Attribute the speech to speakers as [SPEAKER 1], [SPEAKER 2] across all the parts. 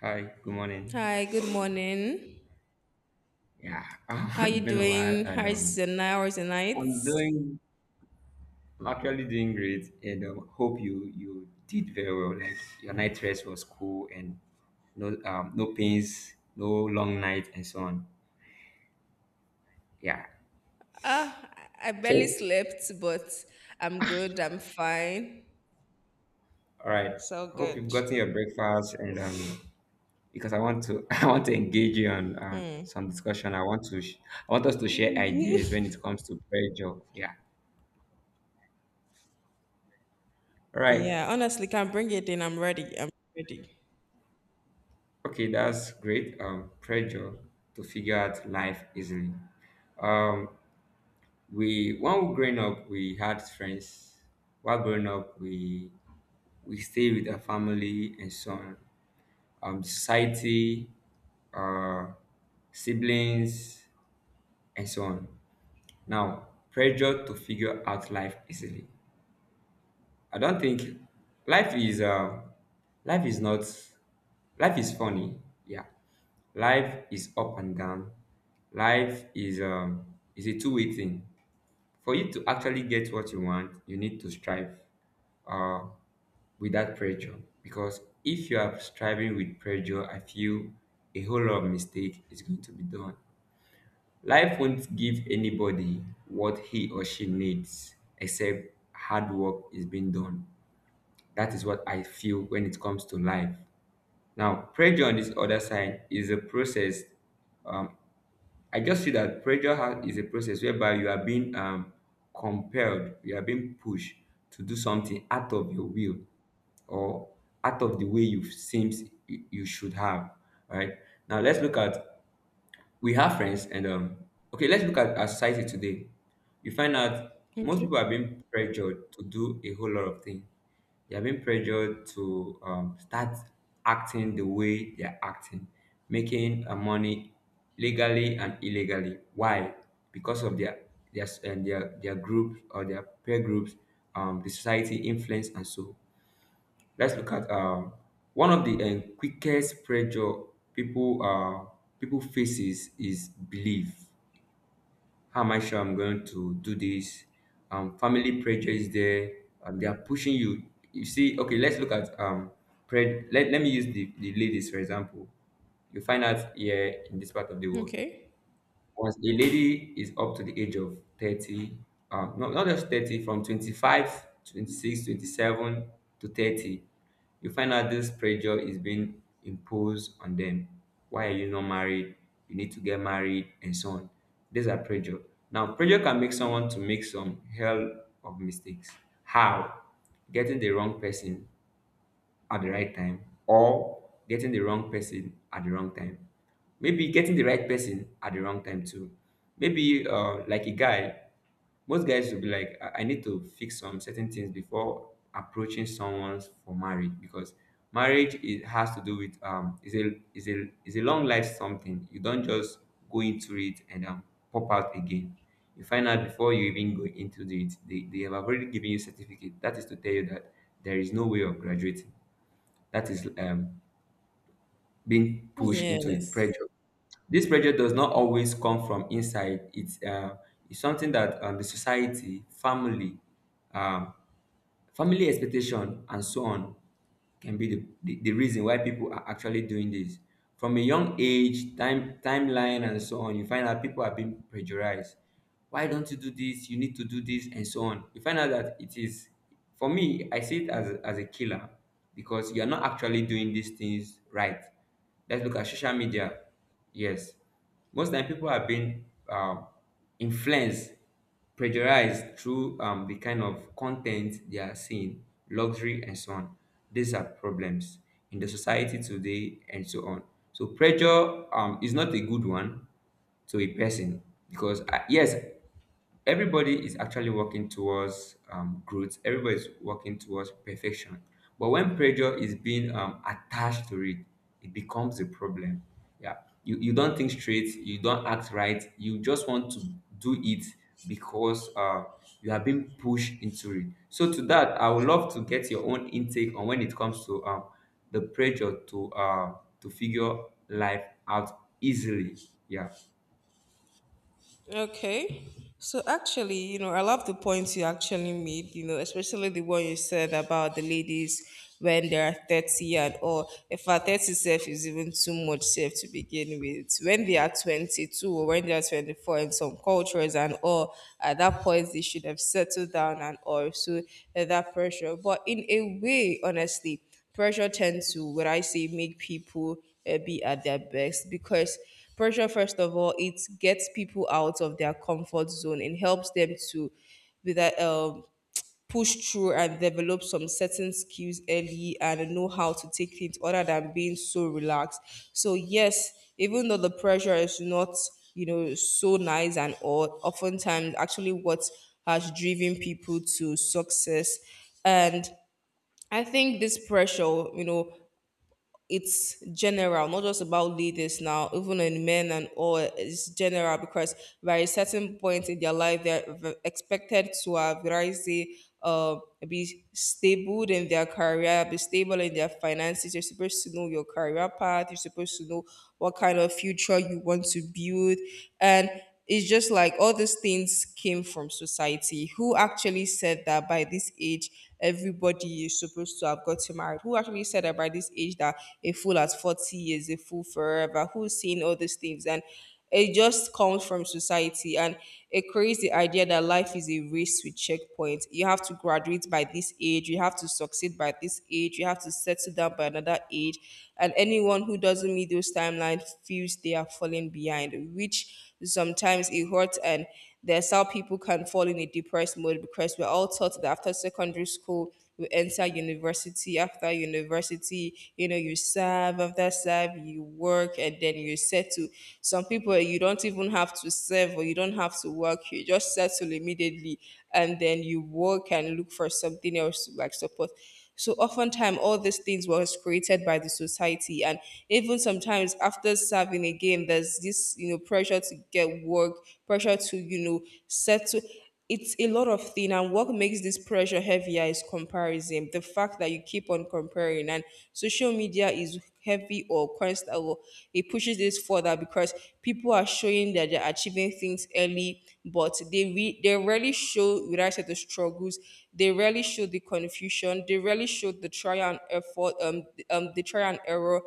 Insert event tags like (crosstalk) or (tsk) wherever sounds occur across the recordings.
[SPEAKER 1] Hi, good morning.
[SPEAKER 2] Hi, good morning.
[SPEAKER 1] Yeah, (laughs)
[SPEAKER 2] How you
[SPEAKER 1] it's been a while,
[SPEAKER 2] doing?
[SPEAKER 1] and
[SPEAKER 2] How's your night? How's your night?
[SPEAKER 1] I'm I'm actually doing great, and hope you did very well. (laughs) Like, your night rest was cool, and no no pains, no long night, and so on. Yeah.
[SPEAKER 2] Ah, I barely
[SPEAKER 1] So,
[SPEAKER 2] slept, but I'm good. I'm fine.
[SPEAKER 1] all right.
[SPEAKER 2] So
[SPEAKER 1] Hope you've
[SPEAKER 2] good.
[SPEAKER 1] gotten your breakfast, and because I want to (laughs) I want to engage you on some discussion. I want us to share ideas when it comes to pressure. Yeah. All right.
[SPEAKER 2] Yeah, honestly, can bring it in. I'm ready. I'm ready.
[SPEAKER 1] Okay, that's great. Pressure to figure out life easily. Um, we When we growing up, we had friends. While growing up, we stay with our family and so on. Society, uh, siblings, and so on. Now, pressure to figure out life easily. I don't think life is uh, life is not life is funny. Yeah, life is up and down. Life is a two-way thing. For you to actually get what you want, you need to strive uh without pressure. Because if you are striving with pressure, I feel a whole lot of mistake is going to be done. Life won't give anybody what he or she needs except hard work is being done. That is what I feel when it comes to life. Now, pressure on this other side is a process. um, I just see that is a process whereby you are being compelled, you are being pushed to do something out of your will, or out of the way you seems you should have. All right, now, let's look at, we have friends and okay, let's look at our society today. You find out most
[SPEAKER 2] Okay.
[SPEAKER 1] people are being pressured to do a whole lot of things. They are being pressured to start acting the way they are acting, making money legally and illegally. Why? Because of their group or their peer groups, the society influence, and so. Let's look at one of the quickest pressure people uh, people faces is belief. How am I sure I'm going to do this? Family pressure is there. They are pushing you. You see, okay. Let's look at let me use the ladies for example. You find out here in this part of the world,
[SPEAKER 2] Okay.
[SPEAKER 1] once a lady is up to the age of 30, not, not just 30, from 25, 26, 27 to 30, you find out this pressure is being imposed on them. Why are you not married? You need to get married, and so on. These are pressure. Now, pressure can make someone to make some hell of mistakes. How? Getting the wrong person at the right time, or getting the wrong person at the wrong time. Maybe getting the right person at the wrong time too. Maybe like a guy, most guys will be like, I need to fix some certain things before approaching someone for marriage, because marriage it has to do with is a long life something. You don't just go into it and pop out again. You find out before you even go into it, they have already given you certificate. That is to tell you that there is no way of graduating, that is being pushed into it,
[SPEAKER 2] Yes.
[SPEAKER 1] pressure. This pressure does not always come from inside. It's something that, the society, family, um, family expectation, and so on, can be the reason why people are actually doing this. From a young age, timeline and so on, you find out people are being pressurized. Why don't you do this? You need to do this, and so on. You find out that it is, for me, I see it as a killer, because you're not actually doing these things right. Let's look at social media. Yes, most time people have been influenced, pressurized through the kind of content they are seeing, luxury and so on. These are problems in the society today and so on. So pressure, is not a good one to a person, because yes, everybody is actually working towards growth. Everybody is working towards perfection, but when pressure is being attached to it, it becomes a problem. Yeah, you don't think straight, you don't act right, you just want to do it, because you are being pushed into it. So to that, I would love to get your own intake on when it comes to the pressure to figure life out easily. Yeah.
[SPEAKER 2] Okay. So actually, you know, I love the points you actually made, you know, especially the one you said about the ladies when they are 30 and all. If our 30 self is even too much self to begin with, when they are 22 or when they are 24 in some cultures and all, at that point they should have settled down and all. So eh, that pressure. But in a way, honestly, pressure tends to what I say make people be at their best because pressure, first of all, it gets people out of their comfort zone and helps them to, with that, push through and develop some certain skills early and know how to take things other than being so relaxed. So yes, even though the pressure is not, you know, so nice and all, oftentimes actually what has driven people to success. And I think this pressure, you know, it's general, not just about leaders now, even in men and all, it's general because by a certain point in their life, they're expected to have, what I say, be stable in their career, be stable in their finances. You're supposed to know your career path, you're supposed to know what kind of future you want to build. And it's just like all these things came from society. Who actually said that by this age everybody is supposed to have gotten married? Who actually said about this age that a fool at 40 is a fool forever? Who's seen all these things? And it just comes from society, and it creates the idea that life is a race with checkpoints. You have to graduate by this age, you have to succeed by this age, you have to settle down by another age. And anyone who doesn't meet those timelines feels they are falling behind, which sometimes it hurts. And that's how people can fall in a depressed mode, because we're all taught that after secondary school, you enter university. After university, you know, you serve. After serve, you work and then you settle. Some people, you don't even have to serve or you don't have to work. You just settle immediately and then you work and look for something else to like support. So oftentimes all these things was created by the society. And even sometimes after serving again, there's this, you know, pressure to get work, pressure to, you know, settle. It's a lot of thing. And what makes this pressure heavier is comparison, the fact that you keep on comparing. And social media is heavy or quest that will, it pushes this further because people are showing that they're achieving things early, but they they rarely show without the struggles. They rarely show the confusion. They rarely show the try and effort. The try and error,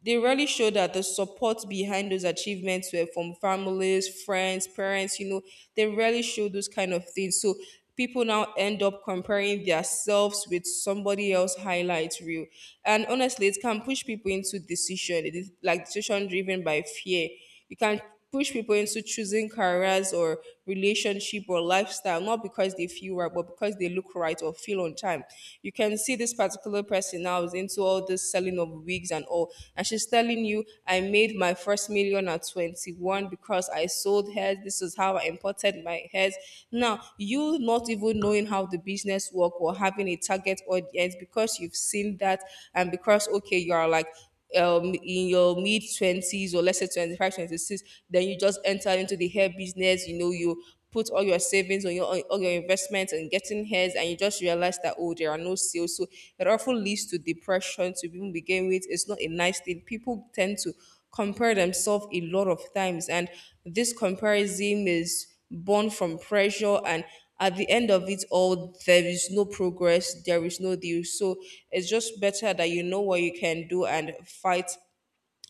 [SPEAKER 2] they really show that the support behind those achievements were from families, friends, parents, you know, they really show those kind of things. So people now end up comparing themselves with somebody else highlight reel. And honestly, it can push people into decision, it is like decision driven by fear. You can push people into choosing careers or relationship or lifestyle, not because they feel right, but because they look right or feel on time. You can see this particular person now is into all this selling of wigs and all. And she's telling you, I made my first million at 21 because I sold hairs. This is how I imported my hairs. Now, you not even knowing how the business work or having a target audience because you've seen that. And because, okay, you are like, in your mid 20s or let's say 25, 26, then you just enter into the hair business, you know, you put all your savings on your on all your investments and getting hairs and you just realize that, oh, there are no sales. So it often leads to depression, to even begin with. It's not a nice thing. People tend to compare themselves a lot of times. And this comparison is born from pressure. And at the end of it all, there is no progress, there is no deal. So it's just better that you know what you can do and fight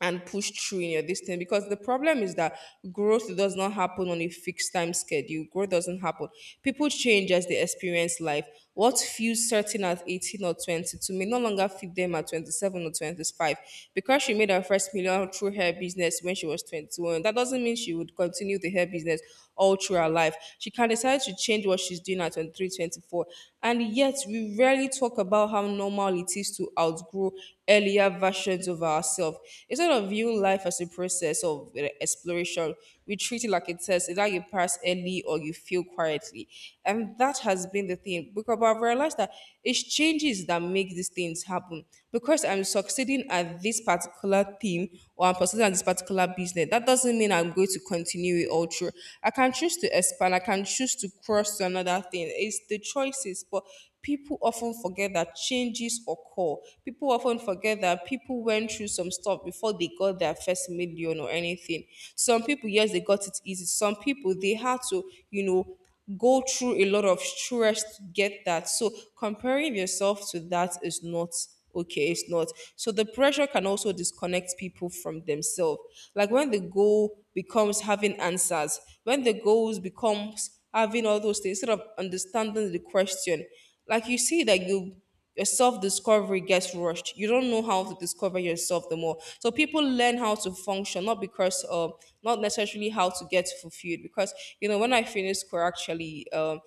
[SPEAKER 2] and push through in your distance, because the problem is that growth does not happen on a fixed time schedule. Growth doesn't happen, people change as they experience life. What feels certain at 18 or 22 may no longer fit them at 27 or 25. Because she made her first million through her business when she was 21, that doesn't mean she would continue the hair business all through her life. She can decide to change what she's doing at 23, 24, and yet we rarely talk about how normal it is to outgrow earlier versions of ourselves. Instead of viewing life as a process of exploration, we treat it like a test. Either you pass early or you fail quietly. And that has been the thing. Because I've realized that it's changes that make these things happen. Because I'm succeeding at this particular thing or I'm succeeding at this particular business, that doesn't mean I'm going to continue it all through. I can choose to expand, I can choose to cross to another thing. It's the choices, but people often forget that changes occur. People often forget that people went through some stuff before they got their first million or anything. Some people, yes, they got it easy. Some people, they had to, you know, go through a lot of stress to get that. So comparing yourself to that is not okay. It's not. So the pressure can also disconnect people from themselves. Like when the goal becomes having answers, when the goals becomes having all those things, instead of understanding the question, like you see that you, your self-discovery gets rushed, you don't know how to discover yourself the more. So people learn how to function not because not necessarily how to get fulfilled. Because, you know, when I finished school actually,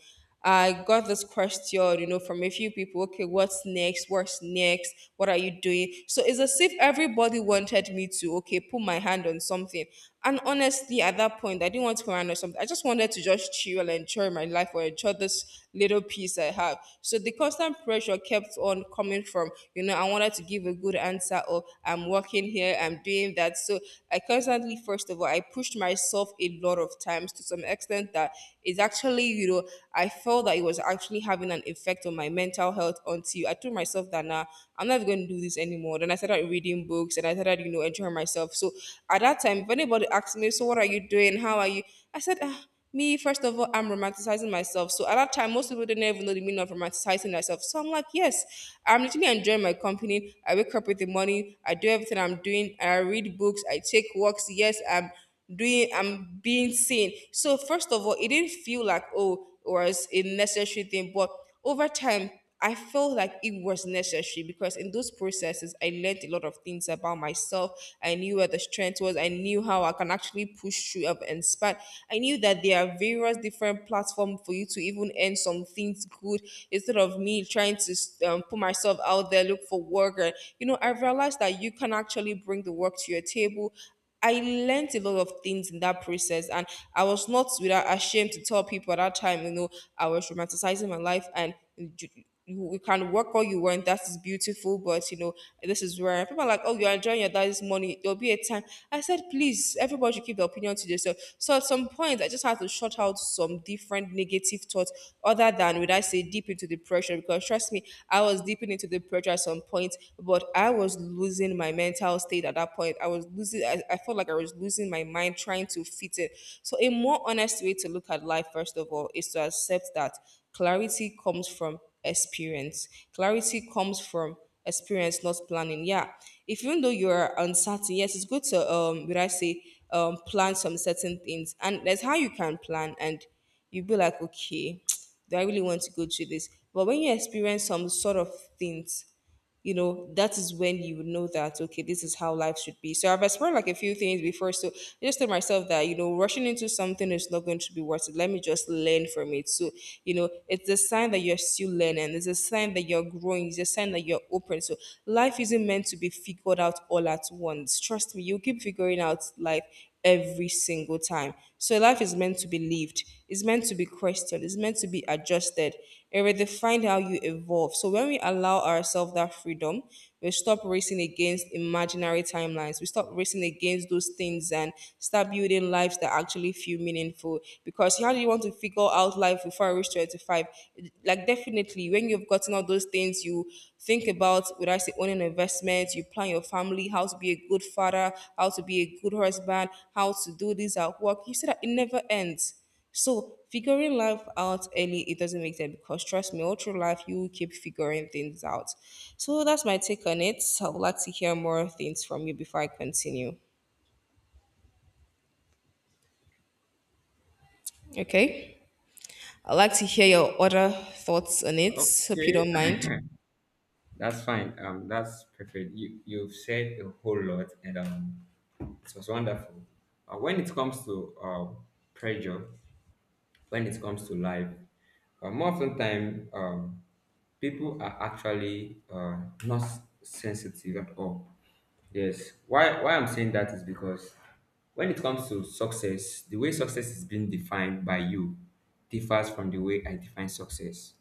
[SPEAKER 2] I got this question, you know, from a few people. Okay, what's next? What's next? What are you doing? So it's as if everybody wanted me to, okay, put my hand on something. And honestly, at that point, I didn't want to go around or something. I just wanted to just chill and enjoy my life or enjoy this little piece I have. So the constant pressure kept on coming from, you know, I wanted to give a good answer or I'm working here, I'm doing that. So I constantly, first of all, I pushed myself a lot of times to some extent that it's actually, you know, I felt that it was actually having an effect on my mental health, until I told myself that now nah, I'm not going to do this anymore more. Then I started reading books and I started, you know, enjoying myself. So at that time, if anybody asked me, so what are you doing? How are you? I said, ah, me, first of all, I'm romanticizing myself. So at that time, most people didn't even know the meaning of romanticizing myself. So I'm like, yes, I'm literally enjoying my company. I wake up with the morning. I do everything I'm doing. I read books. I take walks. Yes, I'm doing, I'm being seen. So first of all, it didn't feel like, oh, it was a necessary thing, but over time I felt like it was necessary because in those processes, I learned a lot of things about myself. I knew where the strength was. I knew how I can actually push through up and spot. I knew that there are various different platforms for you to even earn some things good, instead of me trying to put myself out there, look for work. And, you know, I realized that you can actually bring the work to your table. I learned a lot of things in that process, and I was not without ashamed to tell people at that time, you know, I was romanticizing my life. And you can work all you want. That is beautiful, but you know, this is where people are like, oh, you're enjoying your daddy's money. There'll be a time. I said, please, everybody should keep their opinion to yourself. So at some point, I just had to shut out some different negative thoughts, other than would I say deep into depression. Because trust me, I was deep into depression at some point, but I was losing my mental state at that point. I was losing, I felt like I was losing my mind trying to fit it. So, a more honest way to look at life, first of all, is to accept that clarity comes from experience. Clarity comes from experience, not planning. Yeah. If even though you're uncertain, yes, it's good to, plan some certain things. And that's how you can plan. And you'd be like, okay, (tsk) do I really want to go through this? But when you experience some sort of things, you know, that is when you would know that, okay, this is how life should be. So I've explored like a few things before. So I just told myself that, you know, rushing into something is not going to be worth it. Let me just learn from it. So, you know, it's a sign that you're still learning. It's a sign that you're growing. It's a sign that you're open. So life isn't meant to be figured out all at once. Trust me, you'll keep figuring out life every single time. So life is meant to be lived, it's meant to be questioned, it's meant to be adjusted. It redefines how you evolve. So when we allow ourselves that freedom, we stop racing against imaginary timelines. We stop racing against those things and start building lives that actually feel meaningful. Because how do you want to figure out life before I reach 25? Like definitely exactly. When you've gotten all those things you think about, would I say owning investments, you plan your family, how to be a good father, how to be a good husband, how to do this at work, you see that it never ends. So figuring life out early, it doesn't make sense because trust me, all through life you will keep figuring things out. So that's my take on it. So, I would like to hear more things from you before I continue. Okay. I'd like to hear your other thoughts on it. Hope you
[SPEAKER 1] Okay.
[SPEAKER 2] don't mind.
[SPEAKER 1] That's fine. That's perfect. You've said a whole lot, and it was wonderful. When it comes to pressure, when it comes to life, more often time, people are actually not sensitive at all. Yes. Why I'm saying that is because when it comes to success, the way success is being defined by you differs from the way I define success.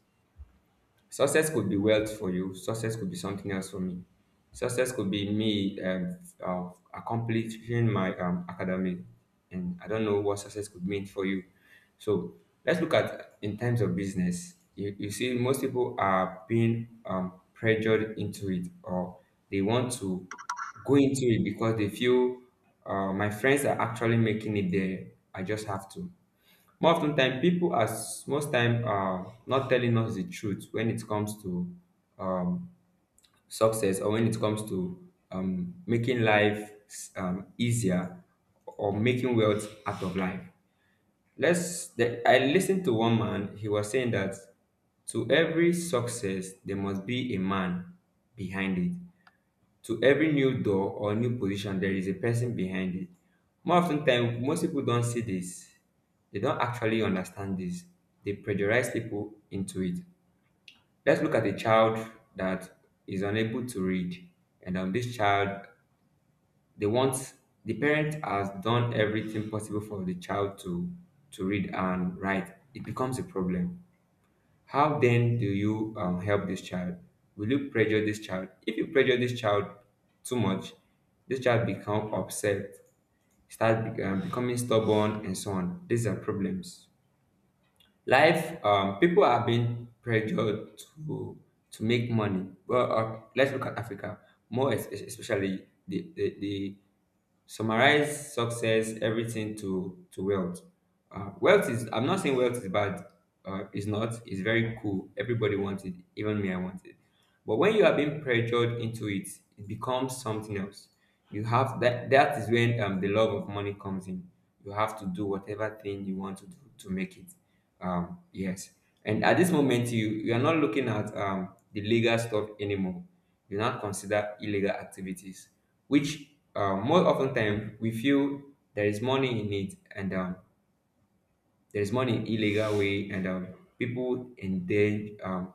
[SPEAKER 1] Success could be wealth for you. Success could be something else for me. Success could be me, accomplishing my academic, and I don't know what success could mean for you. So let's look at in terms of business. You see, most people are being pressured into it, or they want to go into it because they feel my friends are actually making it there. I just have to, more of ten time people, most time are not telling us the truth when it comes to um success, or when it comes to making life easier, or making wealth out of life. I listened to one man. He was saying that to every success there must be a man behind it. To every new door or new position there is a person behind it. More often ten time most people don't see this. They don't actually understand this. They pressurize people into it. Let's look at a child that is unable to read, and this child, they want the parent has done everything possible for the child to read and write. It becomes a problem. How then do you help this child? Will you pressure this child? If you pressure this child too much, this child become upset, start becoming stubborn, and so on. These are problems. Life, people are being pressured to to make money. Well, let's look at Africa, more especially, the summarize success everything to wealth. Wealth is, I'm not saying wealth is bad, it's not, it's very cool, everybody wants it, even me, I want it. But when you are being pressured into it, it becomes something else. You have that That is when the love of money comes in. You have to do whatever thing you want to do to make it, yes. And at this moment, you are not looking at the legal stuff anymore. Do not consider illegal activities, which more often time we feel there is money in it, and there is money in illegal way, and people and then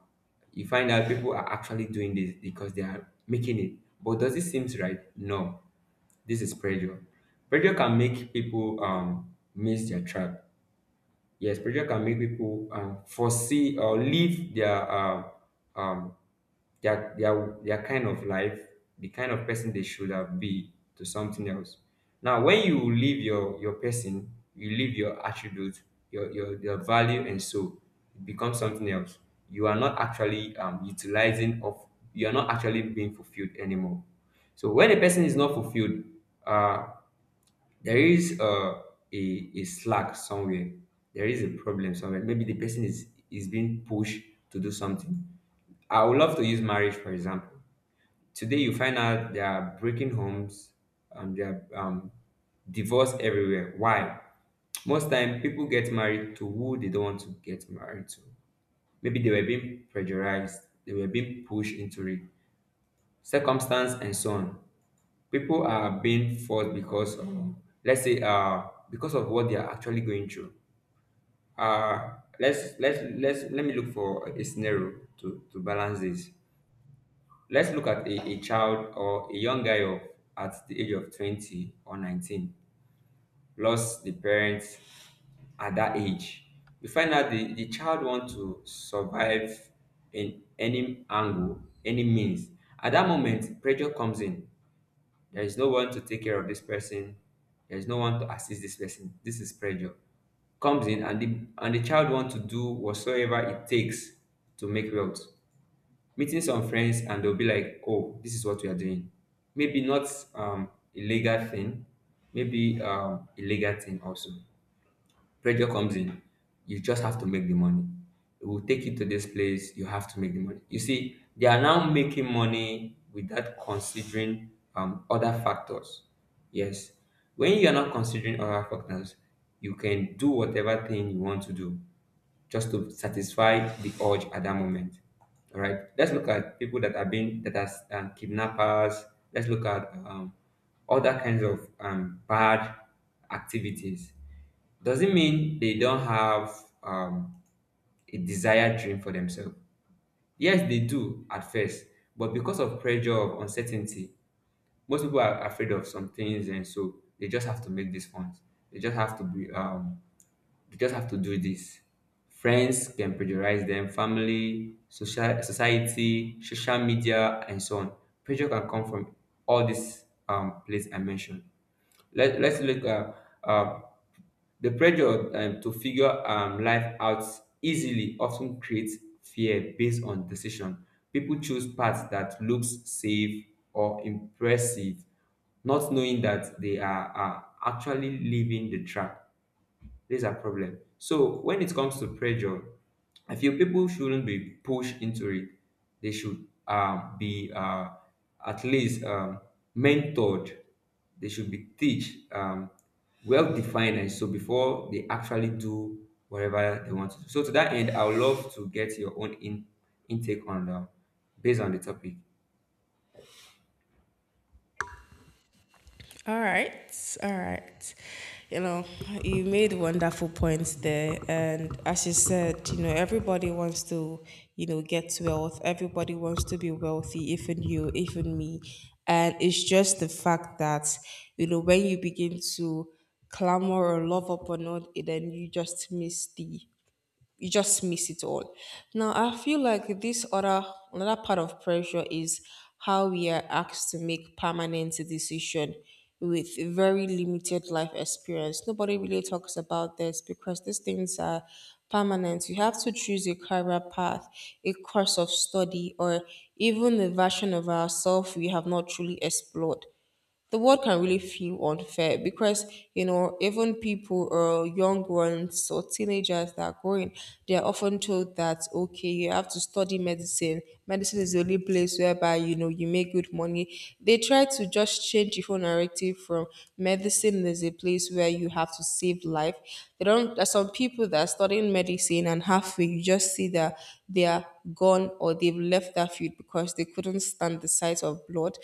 [SPEAKER 1] you find out people are actually doing this because they are making it. But does it seem right? No, this is pressure. Pressure can make people miss their trap. Yes, pressure can make people foresee or leave their um, their kind of life, the kind of person they should have be, to something else. Now, when you leave your person, you leave your attribute, your value, and so it becomes something else. You are not actually utilizing of you are not actually being fulfilled anymore. So when a person is not fulfilled, uh, there is a slack somewhere. There is a problem somewhere. Maybe the person is being pushed to do something. I would love to use marriage for example. Today, you find out they are breaking homes, and they are divorced everywhere. Why? Most time, people get married to who they don't want to get married to. Maybe they were being pressurized, they were being pushed into it, circumstance and so on. People are being forced because of, let's say, because of what they are actually going through. Uh, Let me look for a scenario to balance this. Let's look at a child or a young guy of at the age of 20 or 19 lost the parents at that age. You find out the child want to survive in any angle, any means. At that moment, pressure comes in. There is no one to take care of this person. There is no one to assist this person. This is pressure. Comes in, and the child want to do whatsoever it takes to make wealth. Meeting some friends, and they'll be like, oh, this is what we are doing. Maybe not illegal thing, maybe illegal thing also, pressure comes in. You just have to make the money. It will take you to this place. You have to make the money. You see, they are now making money without considering other factors. Yes. When you are not considering other factors, you can do whatever thing you want to do just to satisfy the urge at that moment. All right. Let's look at people that have been that are kidnappers. Let's look at other kinds of bad activities. Does it mean they don't have um, a desired dream for themselves? Yes, they do at first, but because of pressure of uncertainty, most people are afraid of some things, and so they just have to make these ones. They just have to be. They just have to do this. Friends can pressurize them, family, social society, social media, and so on. Pressure can come from all these places I mentioned. Let's look at uh, the pressure to figure life out easily often creates fear based on decision. People choose paths that looks safe or impressive, not knowing that are actually leaving the track. This is a problem. So when it comes to pressure, I feel people shouldn't be pushed into it. They should be at least mentored. They should be teach, well defined, and so before they actually do whatever they want to do. So to that end, I would love to get your own intake on the, based on the topic.
[SPEAKER 2] All right, all right. You know, you made wonderful points there. And as you said, you know, everybody wants to, you know, get wealth. Everybody wants to be wealthy, even you, even me. And it's just the fact that, you know, when you begin to clamor or love upon it, then you just miss the you just miss it all. Now I feel like this other another part of pressure is how we are asked to make permanent decision with very limited life experience. Nobody really talks about this because these things are permanent. You have to choose a career path, a course of study, or even the version of ourselves we have not truly explored the world can really feel unfair because you know even people or young ones or teenagers that are growing they are often told that okay you have to study medicine medicine is the only place whereby you know you make good money. They try to just change the whole narrative from medicine is a place where you have to save life. They don't there's some people that are studying medicine and halfway you just see that they are gone, or they've left that field because they couldn't stand the sight of blood.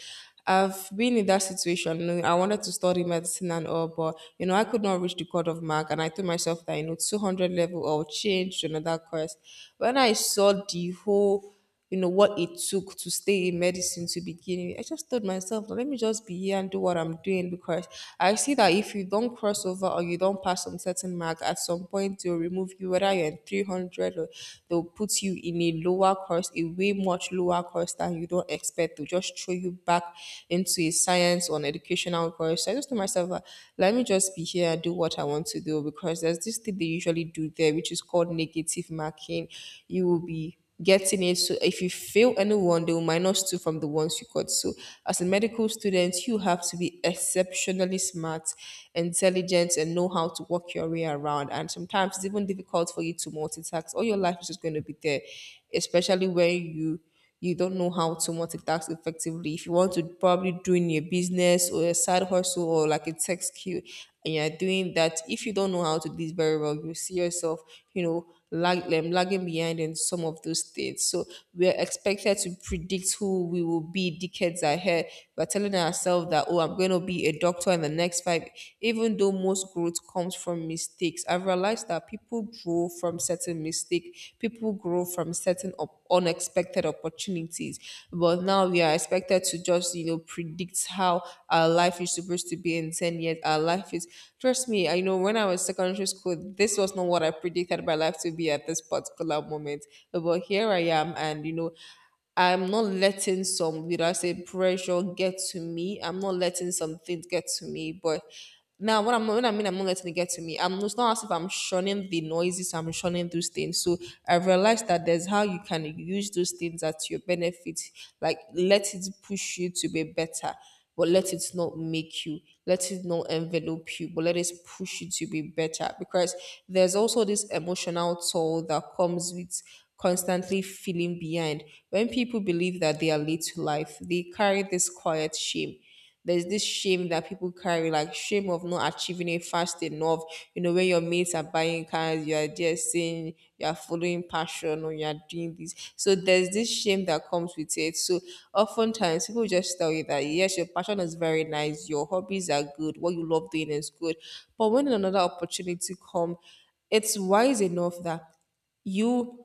[SPEAKER 2] I've been in that situation. You know, I wanted to study medicine and all, but you know, I could not reach the cut-off mark, and I told myself that you know, 200 level or change to another course. When I saw the whole, you know, what it took to stay in medicine to begin with, I just told myself, let me just be here and do what I'm doing because I see that if you don't cross over or you don't pass some certain mark, at some point they'll remove you, whether you're in 300 or they'll put you in a lower course, a way much lower cost than you don't expect to just throw you back into a science or an educational course. So I just told myself, let me just be here and do what I want to do because there's this thing they usually do there, which is called negative marking. You will be getting it. So if you fail anyone, they will minus two from the ones you got. So as a medical student, you have to be exceptionally smart, intelligent, and know how to work your way around. And sometimes it's even difficult for you to multitask. All your life is just going to be there especially when you don't know how to multitask effectively. If you want to probably doing your business or a side hustle or like a tech skill and you're doing that, if you don't know how to do this very well, you see yourself, you know, lagging behind in some of those things. So we're expected to predict who we will be decades ahead. We're telling ourselves that, oh, I'm going to be a doctor in the next five, even though most growth comes from mistakes. I've realized that people grow from certain mistake, people grow from unexpected opportunities. But now we are expected to just, you know, predict how our life is supposed to be in 10 years. Our life is, trust me, I know when I was secondary school, this was not what I predicted my life to be at this particular moment. But here I am, and, you know, I'm not letting some, would I say, pressure get to me. I'm not letting some things get to me. But now, what, I'm, what I mean, I'm not letting it get to me. I'm It's not as if I'm shunning the noises. I'm shunning those things. So I realized that there's how you can use those things at your benefit. Like let it push you to be better, but let it not make you. Let it not envelop you, but let it push you to be better. Because there's also this emotional toll that comes with constantly feeling behind. When people believe that they are late to life, they carry this quiet shame. There's this shame that people carry, like shame of not achieving it fast enough. You know, when your mates are buying cars, you are just saying you are following passion or you are doing this. So there's this shame that comes with it. So oftentimes people just tell you that yes, your passion is very nice, your hobbies are good, what you love doing is good. But when another opportunity comes, it's wise enough that you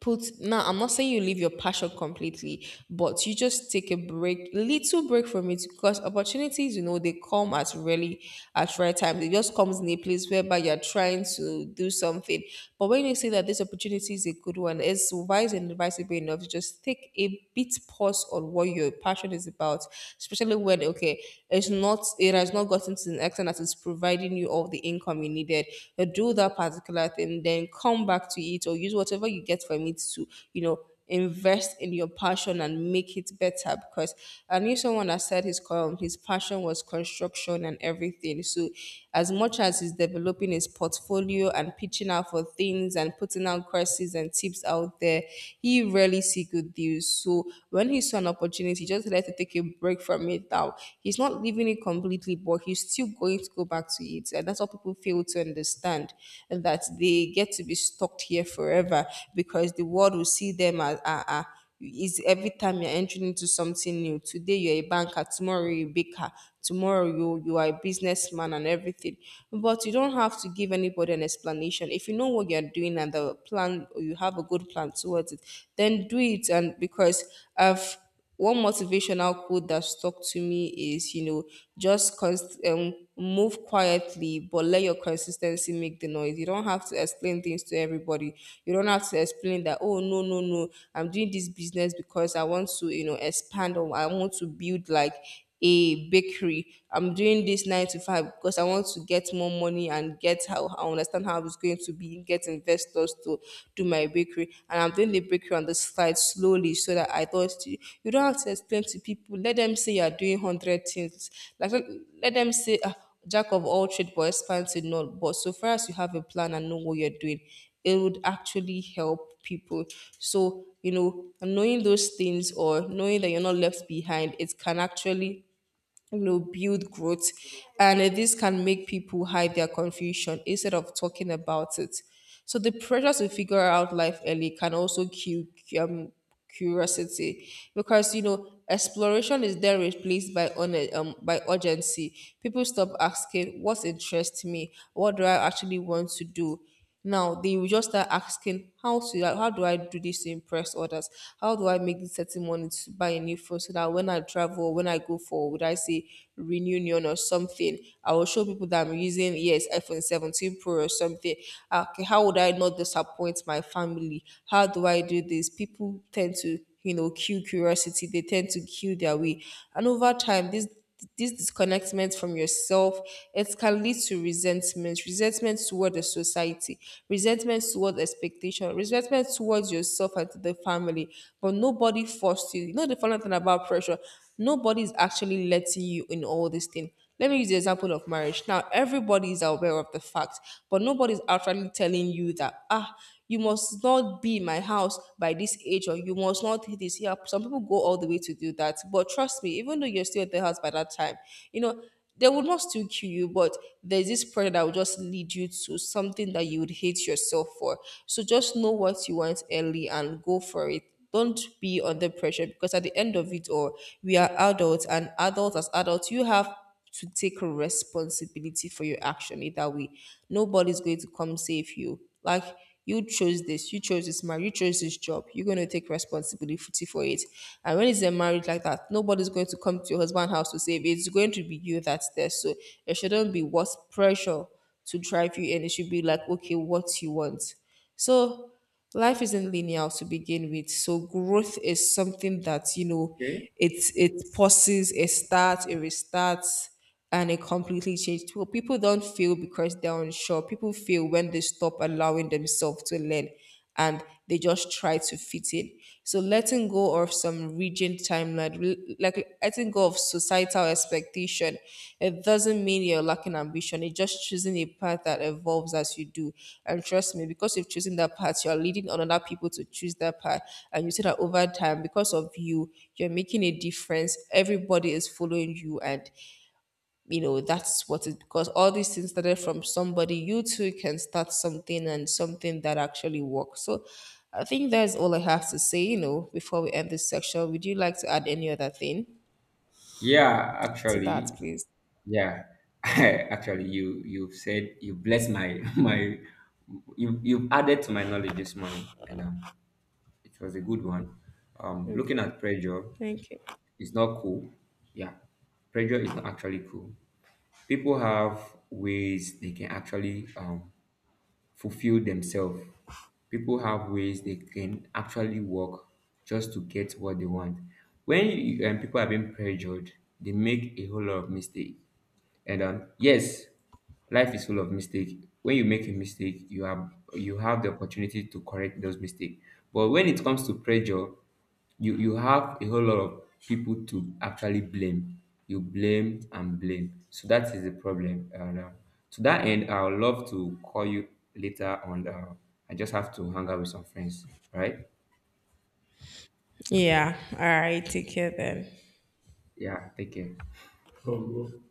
[SPEAKER 2] put, now I'm not saying you leave your passion completely, but you just take a break, little break from it, because opportunities, you know, they come at really at right time. It just comes in a place whereby you're trying to do something, but when you see that this opportunity is a good one, it's wise and advisable enough to just take a bit pause on what your passion is about, especially when okay it's not it has not gotten to an extent that it's providing you all the income you needed, you do that particular thing, then come back to it or use whatever you get from it to, you know, invest in your passion and make it better. Because I knew someone that said his passion was construction and everything. So as much as he's developing his portfolio and pitching out for things and putting out courses and tips out there, he rarely see good deals. So when he saw an opportunity, he just had to take a break from it now. He's not leaving it completely, but he's still going to go back to it. And that's what people fail to understand, and that they get to be stuck here forever because the world will see them as ah as is every time you're entering into something new. Today you're a banker, tomorrow you're a baker, tomorrow you are a businessman and everything. But you don't have to give anybody an explanation. If you know what you're doing and the plan, or you have a good plan towards it, then do it. And because I've one motivational quote that stuck to me is, you know, just move quietly, but let your consistency make the noise. You don't have to explain things to everybody. You don't have to explain that, oh, no, no, no, I'm doing this business because I want to, you know, expand or I want to build like a bakery. I'm doing this nine to five because I want to get more money and get how I understand how it's going to be, get investors to do my bakery. And I'm doing the bakery on the side slowly so that I thought you don't have to explain to people. Let them say you're doing hundred things. Like let them say ah, jack of all trade but expert in none. But so far as you have a plan and know what you're doing, it would actually help people. So, you know, knowing those things or knowing that you're not left behind, it can actually build growth and this can make people hide their confusion instead of talking about it. So the pressure to figure out life early can also cue um, curiosity, because you know exploration is then replaced by on by urgency. People stop asking, what interests me, what do I actually want to do? Now they will just start asking, how do I do this to impress others? How do I make this certain money to buy a new phone so that when I travel, when I go for, would I say reunion or something, I will show people that I'm using yes iPhone 17 Pro or something. Ah, okay, how would I not disappoint my family? How do I do this? People tend to kill curiosity. They tend to kill their way, and over time, this disconnectment from yourself, it can lead to resentment, resentment toward the society, resentment toward expectation, resentment towards yourself and to the family. But nobody forced you. You know the funny thing about pressure, nobody is actually letting you in all this thing. Let me use the example of marriage. Now, everybody is aware of the fact, but nobody is outrightly telling you that, ah, you must not be in my house by this age, or you must not hit this. Yeah, some people go all the way to do that, but trust me, even though you're still at the house by that time, you know, they will not still kill you, but there's this pressure that will just lead you to something that you would hate yourself for. So just know what you want early and go for it. Don't be under pressure, because at the end of it all, we are adults, and adults as adults you have to take responsibility for your action either way. Nobody's going to come save you. Like, you chose this marriage, you chose this job. You're going to take responsibility for it. And when it's a marriage like that, nobody's going to come to your husband's house to save you. It's going to be you that's there. So it shouldn't be what's pressure to drive you, and it should be like, okay, what you want. So life isn't linear to begin with. So growth is something that, you know,
[SPEAKER 1] Okay.
[SPEAKER 2] it pauses, it starts, it restarts, and it completely changes. Well, people don't fail because they're unsure. People fail when they stop allowing themselves to learn. And they just try to fit in. So letting go of some rigid timeline, like letting go of societal expectation, it doesn't mean you're lacking ambition. It's just choosing a path that evolves as you do. And trust me, because you've chosen that path, you're leading on other people to choose that path. And you see that over time, because of you, you're making a difference. Everybody is following you, and you know that's what it, because all these things started from somebody. You too can start something, and something that actually works. So I think that's all I have to say. You know, before we end this section, would you like to add any other thing
[SPEAKER 1] Yeah,
[SPEAKER 2] to that,
[SPEAKER 1] actually,
[SPEAKER 2] please?
[SPEAKER 1] Yeah, (laughs) actually, you've said, you blessed my (laughs) my, you've added to my knowledge this morning, and it was a good one. Looking at pressure
[SPEAKER 2] Thank you.
[SPEAKER 1] is not cool. Yeah, pressure is not actually cool. People have ways they can actually fulfill themselves. People have ways they can actually work just to get what they want. When people are being pressured, they make a whole lot of mistakes, and yes, life is full of mistake. When you make a mistake, you have the opportunity to correct those mistakes. But when it comes to pressure, you have a whole lot of people to actually blame. You blame and blame. So that is the problem. And to that end, I would love to call you later on. I just have to hang out with some friends. All right?
[SPEAKER 2] Yeah. All right. Take care then.
[SPEAKER 1] Yeah. Take care. Oh, bro.